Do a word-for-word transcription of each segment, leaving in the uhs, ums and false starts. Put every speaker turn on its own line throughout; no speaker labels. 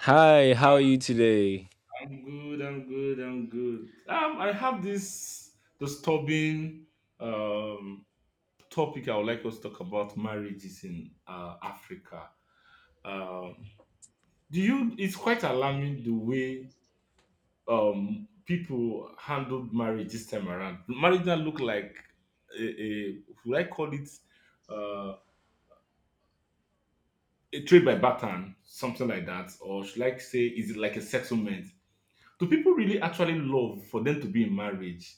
Hi, how are you today?
I'm good. I'm good. I'm good. Um, I have this disturbing um topic I would like us to talk about marriages in uh, Africa. Um, do you? It's quite alarming the way um people handled marriage this time around. Marriage that look like a, a would I call it uh, a trade by barter, something like that, or should I say, is it like a settlement? Do people really actually love for them to be in marriage?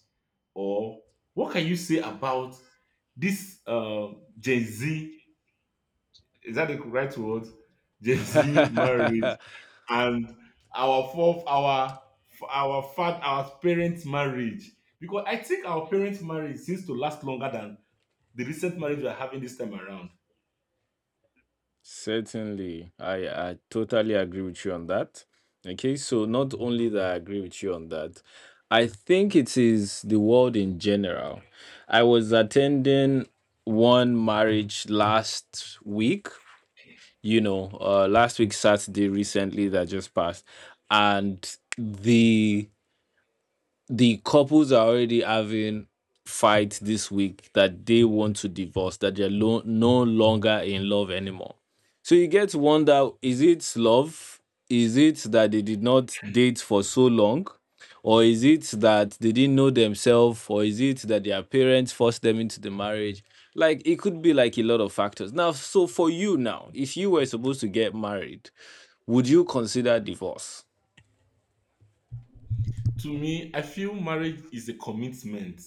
Or what can you say about this uh, Gen Z? Is that the right word? Gen Z marriage and our fourth, our our fat, our parents' marriage. Because I think our parents' marriage seems to last longer than the recent marriage we are having this time around.
Certainly, I, I totally agree with you on that. Okay, so not only that I agree with you on that, I think it is the world in general. I was attending one marriage last week, you know, uh, last week, Saturday, recently that just passed, and the the couples are already having fights this week that they want to divorce, that they're lo- no longer in love anymore. So you get to wonder, is it love? Is it that they did not date for so long? Or is it that they didn't know themselves? Or is it that their parents forced them into the marriage? Like it could be like a lot of factors. Now, so for you now, if you were supposed to get married, would you consider divorce?
To me, I feel marriage is a commitment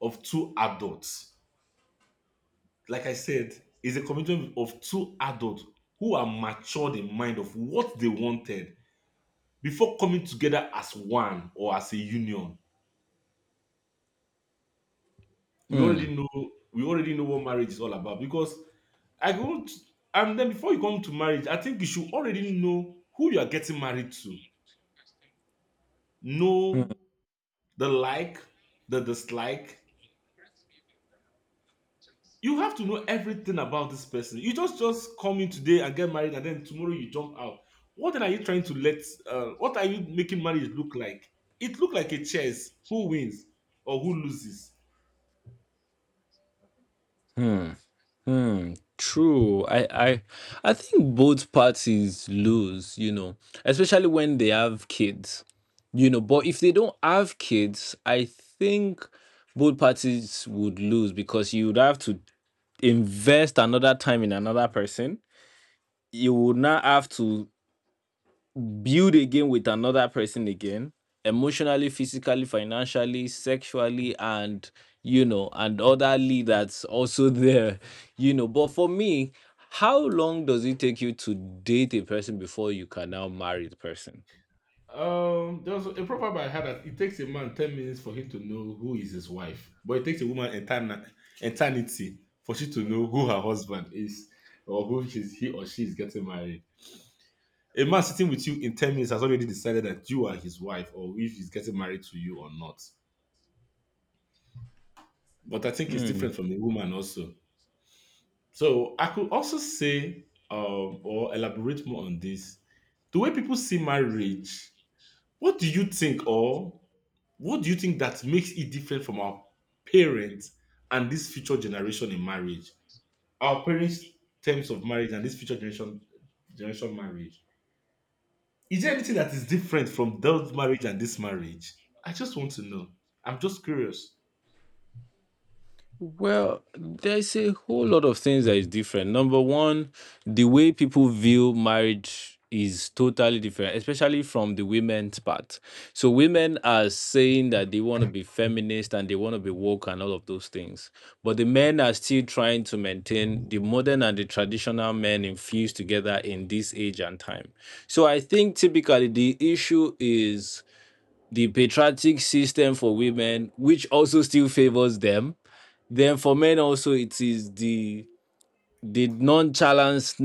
of two adults, like I said, is a commitment of two adults who are matured in mind of what they wanted before coming together as one or as a union. We already know we already know what marriage is all about because I won't, and then before you come to marriage, I think you should already know who you are getting married to. Know the like, the dislike, you have to know everything about this person. You just just come in today and get married, and then tomorrow you jump out. What then are you trying to let? Uh, what are you making marriage look like? It look like a chess. Who wins or who loses?
Hmm, true. I, I I think both parties lose, you know, especially when they have kids, you know. But if they don't have kids, I think both parties would lose because you would have to invest another time in another person. You would not have to build again with another person again, emotionally, physically, financially, sexually, and you know, and otherly, that's also there, you know. But for me, how long does it take you to date a person before you can now marry the person?
Um, there was a proverb I had that it takes a man ten minutes for him to know who is his wife, but it takes a woman etern- eternity for she to know who her husband is or who she's, he or she is getting married. A man sitting with you in ten minutes has already decided that you are his wife or if he's getting married to you or not. But I think it's
Hmm.
different from a woman also. So I could also say um, or elaborate more on this. The way people see marriage, what do you think, or what do you think that makes it different from our parents and this future generation in marriage? Our parents' terms of marriage and this future generation generation marriage. Is there anything that is different from that marriage and this marriage? I just want to know. I'm just curious.
Well, there's a whole lot of things that is different. Number one, the way people view marriage is totally different, especially from the women's part. So women are saying that they want to be feminist and they want to be woke and all of those things. But the men are still trying to maintain the modern and the traditional men infused together in this age and time. So I think typically the issue is the patriotic system for women, which also still favors them. Then for men also it is the the nonchalant,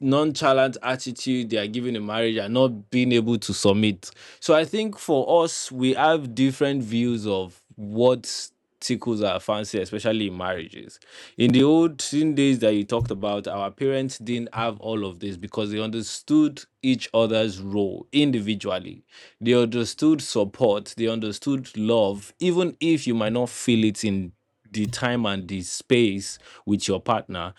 nonchalant attitude they are giving in marriage and not being able to submit. So I think for us, we have different views of what tickles our fancy, especially in marriages. In the olden days that you talked about, our parents didn't have all of this because they understood each other's role individually. They understood support, they understood love. Even if you might not feel it in the time and the space with your partner,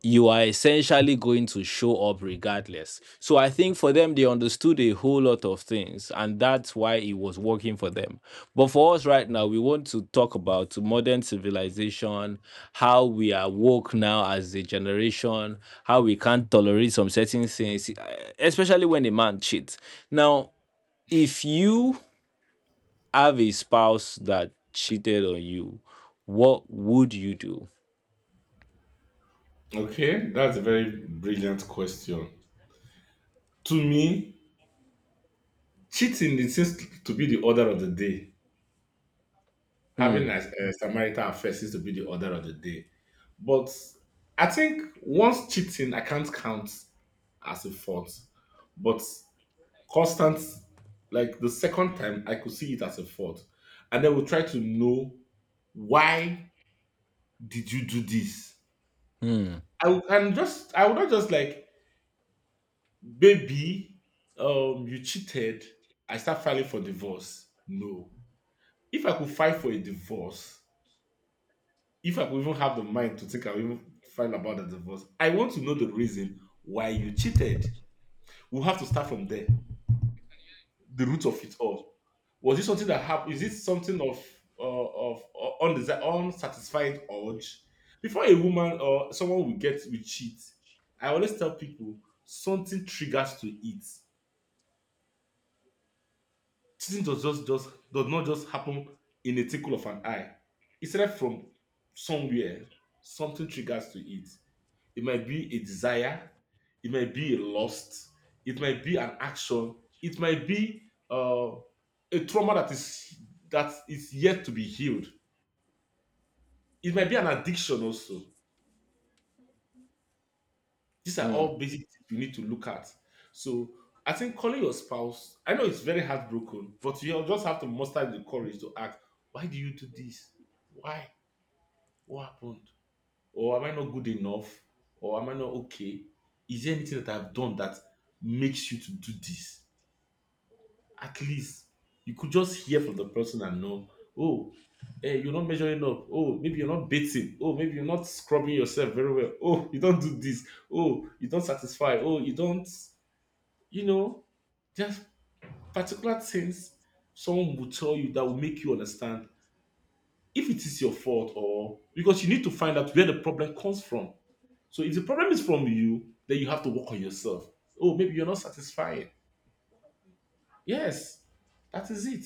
you are essentially going to show up regardless. So I think for them, they understood a whole lot of things, and that's why it was working for them. But for us right now, we want to talk about modern civilization, how we are woke now as a generation, how we can't tolerate some certain things, eh, especially when a man cheats. Now, if you have a spouse that cheated on you, what would you do?
Okay, that's a very brilliant question. To me, cheating it seems to be the order of the day. Having a, a Samaritan affair seems to be the order of the day. But I think once cheating, I can't count as a fault. But constant, like the second time, I could see it as a fault. And then we'll try to know why did you do this? I would and just I would not just like, baby, um, you cheated. I start filing for divorce. No. If I could file for a divorce, if I could even have the mind to think I'll even find about the divorce, I want to know the reason why you cheated. We'll have to start from there. The root of it all. Was it something that happened? Is it something of uh, of uh, undesi- unsatisfied urge? Before a woman or someone will get will cheat, I always tell people something triggers to it. Teaching does just just does not just happen in a tickle of an eye. It started from somewhere. Something triggers to it. It might be a desire. It might be a lust. It might be an action. It might be uh, a trauma that is that is yet to be healed. It might be an addiction also. These are all basic things you need to look at. So I think calling your spouse, I know it's very heartbroken, but you just have to muster the courage to ask, why do you do this? Why? What happened? Or am I not good enough? Or am I not okay? Is there anything that I've done that makes you to do this? At least you could just hear from the person and know, oh, hey, you're not measuring up. Oh, maybe you're not bathing. Oh, maybe you're not scrubbing yourself very well. Oh, you don't do this. Oh, you don't satisfy. Oh, you don't, you know, there's particular things someone will tell you that will make you understand if it is your fault or because you need to find out where the problem comes from. So if the problem is from you, then you have to work on yourself. Oh, maybe you're not satisfied. Yes, that is it.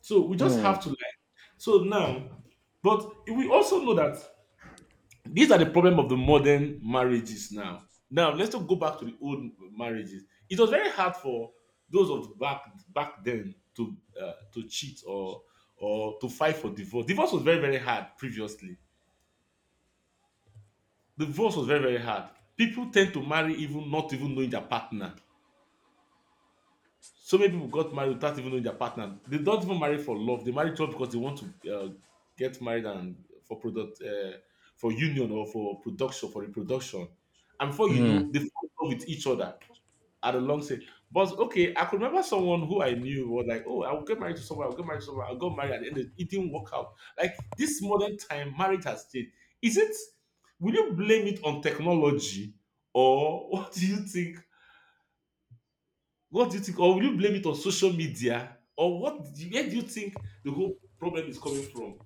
So we just have
Hmm.
to like so now, but we also know that these are the problem of the modern marriages now. Now let's just go back to the old marriages. It was very hard for those of back back then to uh, to cheat or or to fight for divorce. Divorce was very very hard previously. Divorce was very very hard. People tend to marry even not even knowing their partner. So many people got married without even knowing their partner. They don't even marry for love. They marry just because they want to uh, get married and for product, uh, for union or for production, for reproduction. And before you know, they fall in love with each other at a long say. But okay, I could remember someone who I knew was like, oh, I'll get married to someone, I'll get married to someone, I'll get married, and then it didn't work out. Like this modern time, marriage has changed. Is it, will you blame it on technology or what do you think, what do you think? Or will you blame it on social media? Or what? Where do you think the whole problem is coming from?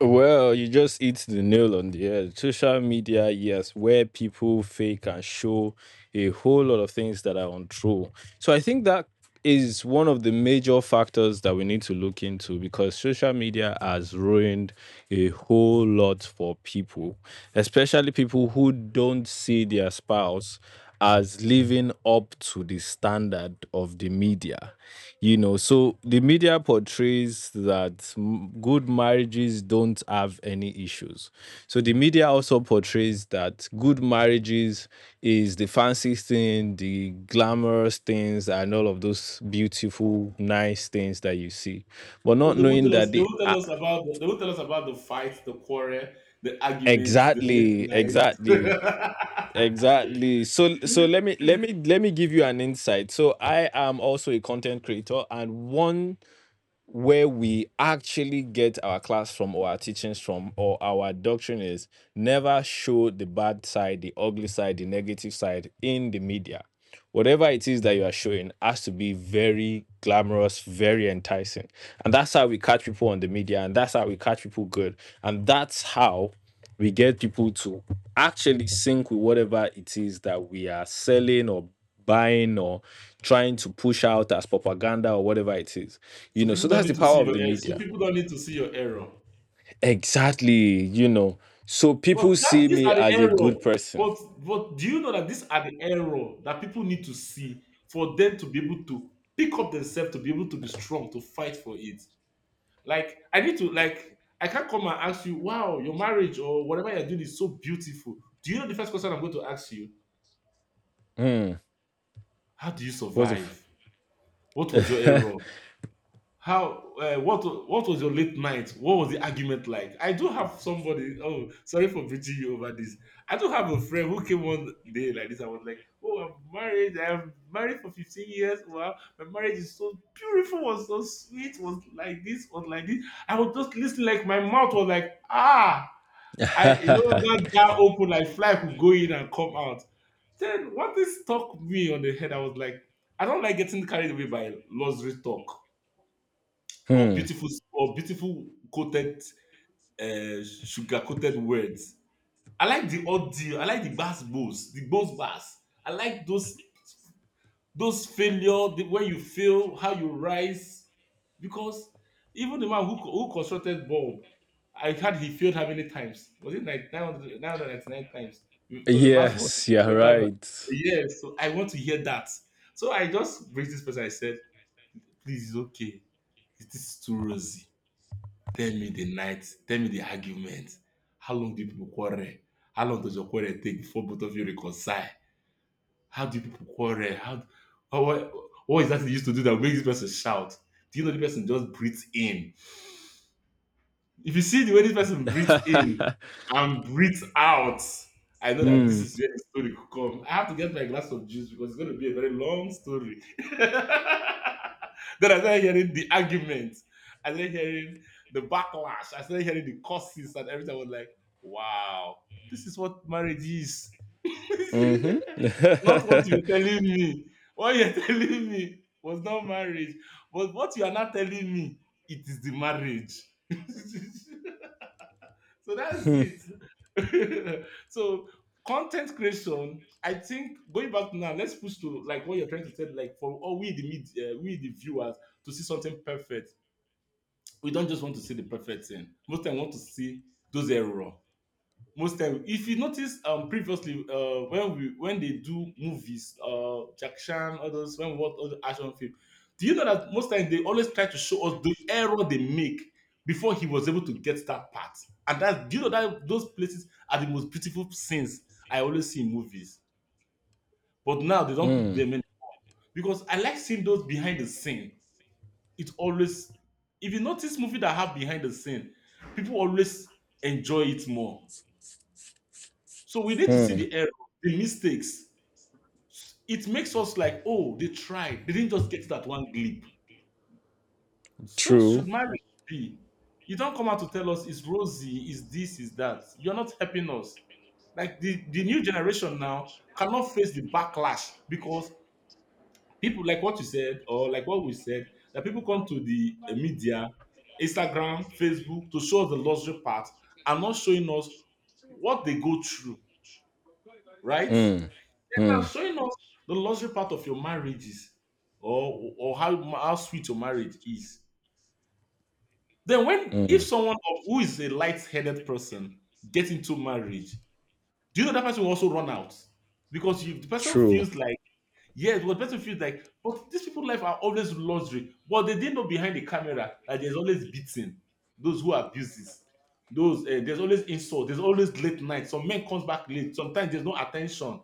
Well, you just hit the nail on the head. Social media, yes, where people fake and show a whole lot of things that are untrue. So I think that is one of the major factors that we need to look into because social media has ruined a whole lot for people, especially people who don't see their spouse as living up to the standard of the media. You know, so the media portrays that m- good marriages don't have any issues. So the media also portrays that good marriages is the fancy thing, the glamorous things, and all of those beautiful, nice things that you see, but
Oh,
not
they won't
knowing
tell us.
that
They
the
won't tell
uh,
us about. The, they won't tell us about the fight, the quarrel, the arguments, the late
exactly,
nights.
exactly. Exactly. So so let me let me let me give you an insight. So I am also a content creator, and one where we actually get our class from, or our teachings from, or our doctrine is, never show the bad side, the ugly side, the negative side in the media. Whatever it is that you are showing has to be very glamorous, very enticing. And that's how we catch people on the media, and that's how we catch people good. And that's how we get people to actually sync with whatever it is that we are selling or buying or trying to push out as propaganda or whatever it is, you
So
know.
people
So
don't
that's
need
the
to
power
see
of
your.
the
error. So
media.
people don't need to see your error.
Exactly, you know. So people
But that
see
these
me
are the
as a
error.
good person.
But but do you know that these are the error that people need to see for them to be able to pick up themselves to be able to be strong to fight for it. Like I need to like I can't come and ask you, wow, your marriage or whatever you're doing is so beautiful. Do you know the first question I'm going to ask you? How do you
what's the f-
survive? What was your error? How uh, what what was your late night? What was the argument like? I do have somebody. Oh, sorry for bridging you over this. I do have a friend who came one day like this. I was like, oh, I'm married. I'm married for fifteen years. Wow, my marriage is so beautiful. Was so sweet. Was like this. Was like this. I was just listening. Like my mouth was like ah, I, you know that jar open, I fly could go in and come out. Then what this stuck me on the head, I was like, I don't like getting carried away by luxury talk or beautiful or beautiful coated, uh, sugar coated words. I like the odd deal. I like the bass boost the bows bass. I like those those failure the when you fail how you rise because even the man who who constructed Bob, I heard he failed how many times, was it like nine hundred ninety-nine times to the last one,
yes, yeah,
1000?
right.
Yes, so I want to hear that. So I just raised this person, I said, please, it's okay, it is too rosy. Tell me the night, tell me the argument, how long do people quarrel, how long does your quarrel take before both of you reconcile, how do people quarrel? How, how what, what is that they used to do that makes this person shout? Do you know the person just breathes in? If you see the way this person breathes in and breathes out, I know that this
Mm.
is where the story could come. I have to get my glass of juice because it's going to be a very long story. Then I started hearing the argument. I started hearing the backlash. I started hearing the curses and everything. I was like, wow, this is what marriage is. Not what
Mm-hmm.
you're telling me. What you're telling me was not marriage. But what you are not telling me, it is the marriage. So that's it. So content creation, I think going back now, let's push to like what you're trying to say, like for all we the mid, uh, we the viewers to see something perfect. We don't just want to see the perfect thing. Most time, we want to see those error most time. If you notice, um previously, uh when we when they do movies, uh Jack Chan, others, when we watch all the action film, do you know that most times they always try to show us the error they make before he was able to get that part? And that, do you know that those places are the most beautiful scenes I always see in movies? But now they don't put
Mm.
them in, because I like seeing those behind the scene. It always, if you notice movie that have behind the scene, people always enjoy it more. So we need to see
Mm,
the error, the mistakes. It makes us like, oh, they tried. They didn't just get that one glip. So should
true.
marriage be? You don't come out to tell us it's rosy, is this, is that. You're not helping us. Like the, the new generation now cannot face the backlash because people, like what you said, or like what we said, that people come to the uh, media, Instagram, Facebook to show us the luxury part and not showing us what they go through, right?
Mm.
Are
Mm,
showing us the luxury part of your marriages or or how ma- how sweet your marriage is. Then when if someone of who is a light-headed person get into marriage, do you know that person will also run out? Because you the person
true.
feels like, yes, but the person feels like, but these people's life are always luxury. But they didn't know behind the camera that there's always beating those who abuse this. Those uh, there's always insult, there's always late night. Some men comes back late, sometimes there's no attention.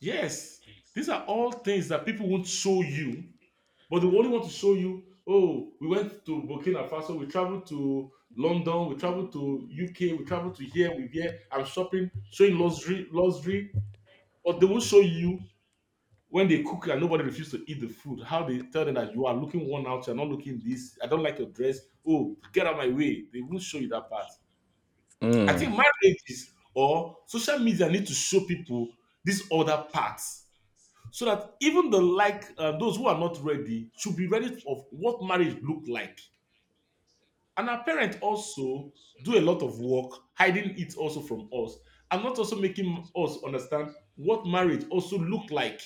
Yes, these are all things that people won't show you, but they only want to show you. Oh, we went to Burkina Faso, we traveled to London, we traveled to U K, we traveled to here, we here. I'm shopping, showing luxury, luxury. But they will show you when they cook and nobody refuses to eat the food. How they tell them that you are looking worn out, you're not looking this. I don't like your dress. Oh, get out of my way. They won't show you that part. I think
Mm.
marriages or social media need to show people these other parts, so that even the like uh, those who are not ready should be ready of what marriage looked like. And our parents also do a lot of work hiding it also from us, and not also making us understand what marriage also looked like.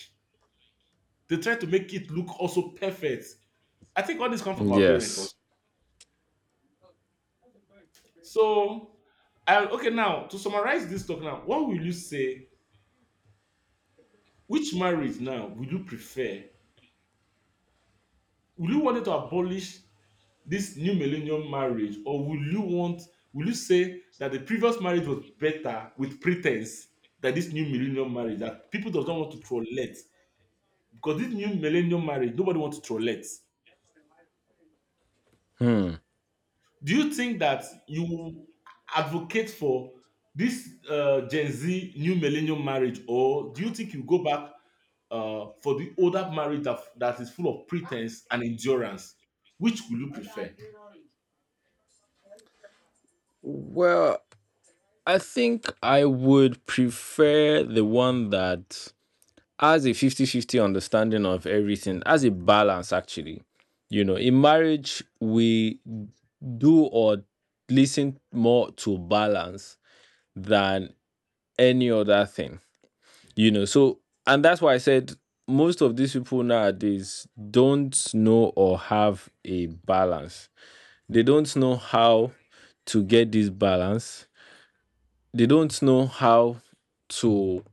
They try to make it look also perfect. I think all this come from our parents also.
Yes.
So I, okay, now to summarize this talk, now what will you say? Which marriage now will you prefer? Will you want it to abolish this new millennium marriage, or will you want, will you say that the previous marriage was better with pretense, that this new millennium marriage that people does not want to trollate, because this new millennium marriage nobody wants to trollate? Do you think that you will advocate for this uh, gen Z new millennium marriage, or do you think you go back uh, for the older marriage that, that is full of pretense and endurance? Which will you prefer?
Well, I think I would prefer the one that has a fifty-fifty understanding of everything, as a balance, actually. You know, in marriage, we do or listen more to balance than any other thing, you know. So, and that's why I said most of these people nowadays don't know or have a balance, they don't know how to get this balance, they don't know how to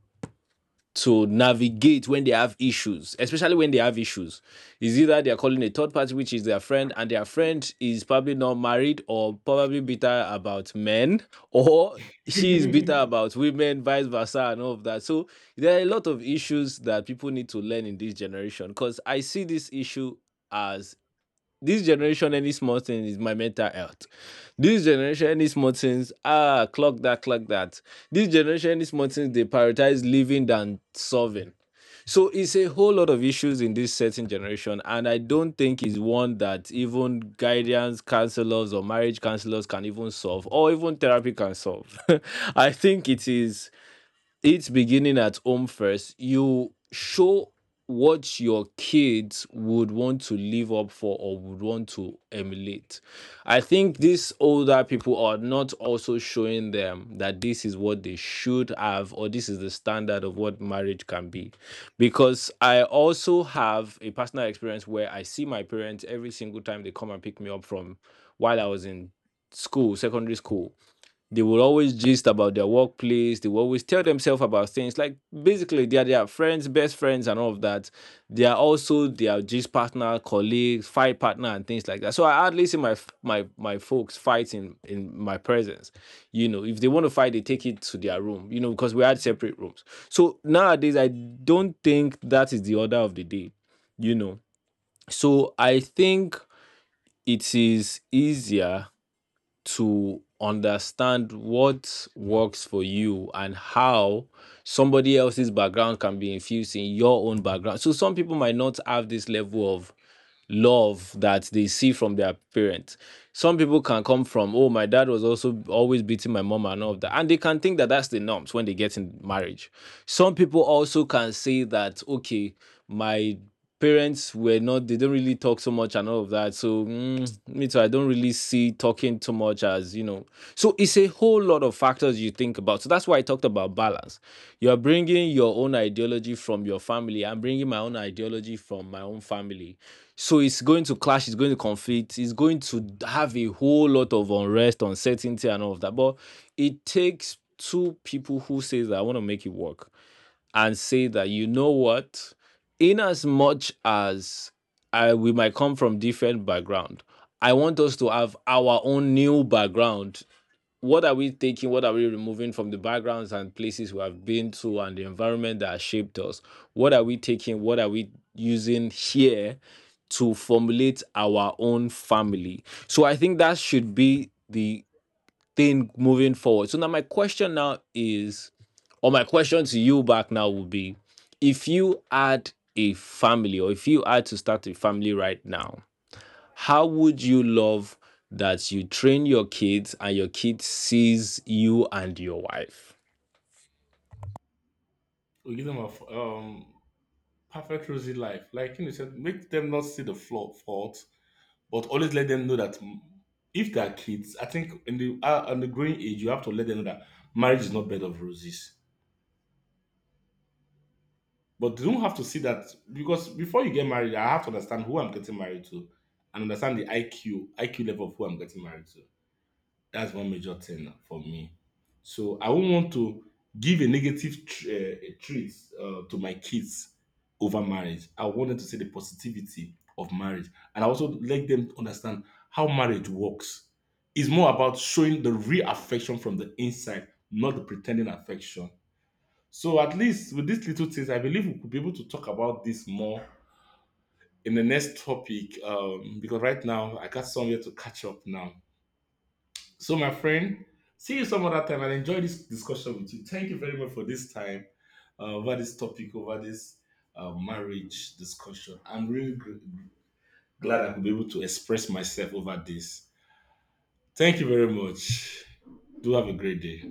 to navigate when they have issues, especially when they have issues. Is either they're calling a third party, which is their friend, and their friend is probably not married or probably bitter about men, or she is bitter about women, vice versa, and all of that. So there are a lot of issues that people need to learn in this generation because I see this issue as, this generation, any small thing is my mental health. This generation, any small things, ah, clock that, clock that. This generation, any small things, they prioritize living than solving. So it's a whole lot of issues in this certain generation, and I don't think it's one that even guidance counselors or marriage counselors can even solve, or even therapy can solve. I think it is, it's beginning at home first. You show what your kids would want to live up for or would want to emulate. I think these older people are not also showing them that this is what they should have or this is the standard of what marriage can be. Because I also have a personal experience where I see my parents every single time they come and pick me up from while I was in school, secondary school, they will always gist about their workplace. They will always tell themselves about things like, basically they are their friends, best friends, and all of that. They are also their gist partner, colleagues, fight partner, and things like that. So I hardly see my f- my my folks fighting in my presence. You know, if they want to fight, they take it to their room. You know, because we had separate rooms. So nowadays, I don't think that is the order of the day. You know, so I think it is easier to understand what works for you and how somebody else's background can be infused in your own background. So some people might not have this level of love that they see from their parents. Some people can come from, oh, my dad was also always beating my mom and all of that. And they can think that that's the norms when they get in marriage. Some people also can say that, okay, my parents were not, they don't really talk so much and all of that. So, mm, me too, I don't really see talking too much as, you know, so it's a whole lot of factors you think about. So that's why I talked about balance. You are bringing your own ideology from your family. I'm bringing my own ideology from my own family. So it's going to clash. It's going to conflict. It's going to have a whole lot of unrest, uncertainty, and all of that. But it takes two people who say that I want to make it work and say that, you know what, in as much as I we might come from different background, I want us to have our own new background. What are we taking, what are we removing from the backgrounds and places we have been to and the environment that has shaped us, what are we taking, what are we using here to formulate our own family? So I think that should be the thing moving forward. So now my question now is, or my question to you back now would be, if you had a family or if you had to start a family right now, how would you love that you train your kids and your kids sees you and your wife?
We give them a f- um perfect rosy life. Like you said, make them not see the flaw fault, but always let them know that, mm, if they are kids, I think in the uh, in the growing age, you have to let them know that marriage is not bed of roses. But they don't have to see that, because before you get married, I have to understand who I'm getting married to, and understand the IQ I Q level of who I'm getting married to. That's one major thing for me. So I won't want to give a negative tr- uh, treat, uh, to my kids over marriage. I want them to see the positivity of marriage, and I also let them understand how marriage works. It's more about showing the real affection from the inside, not the pretending affection. So at least with these little things, I believe we could be able to talk about this more in the next topic. Um, because right now I got somewhere to catch up now. So, my friend, see you some other time. I enjoy this discussion with you. Thank you very much for this time uh, over this topic, over this uh, marriage discussion. I'm really gr- glad I could be able to express myself over this. Thank you very much. Do have a great day.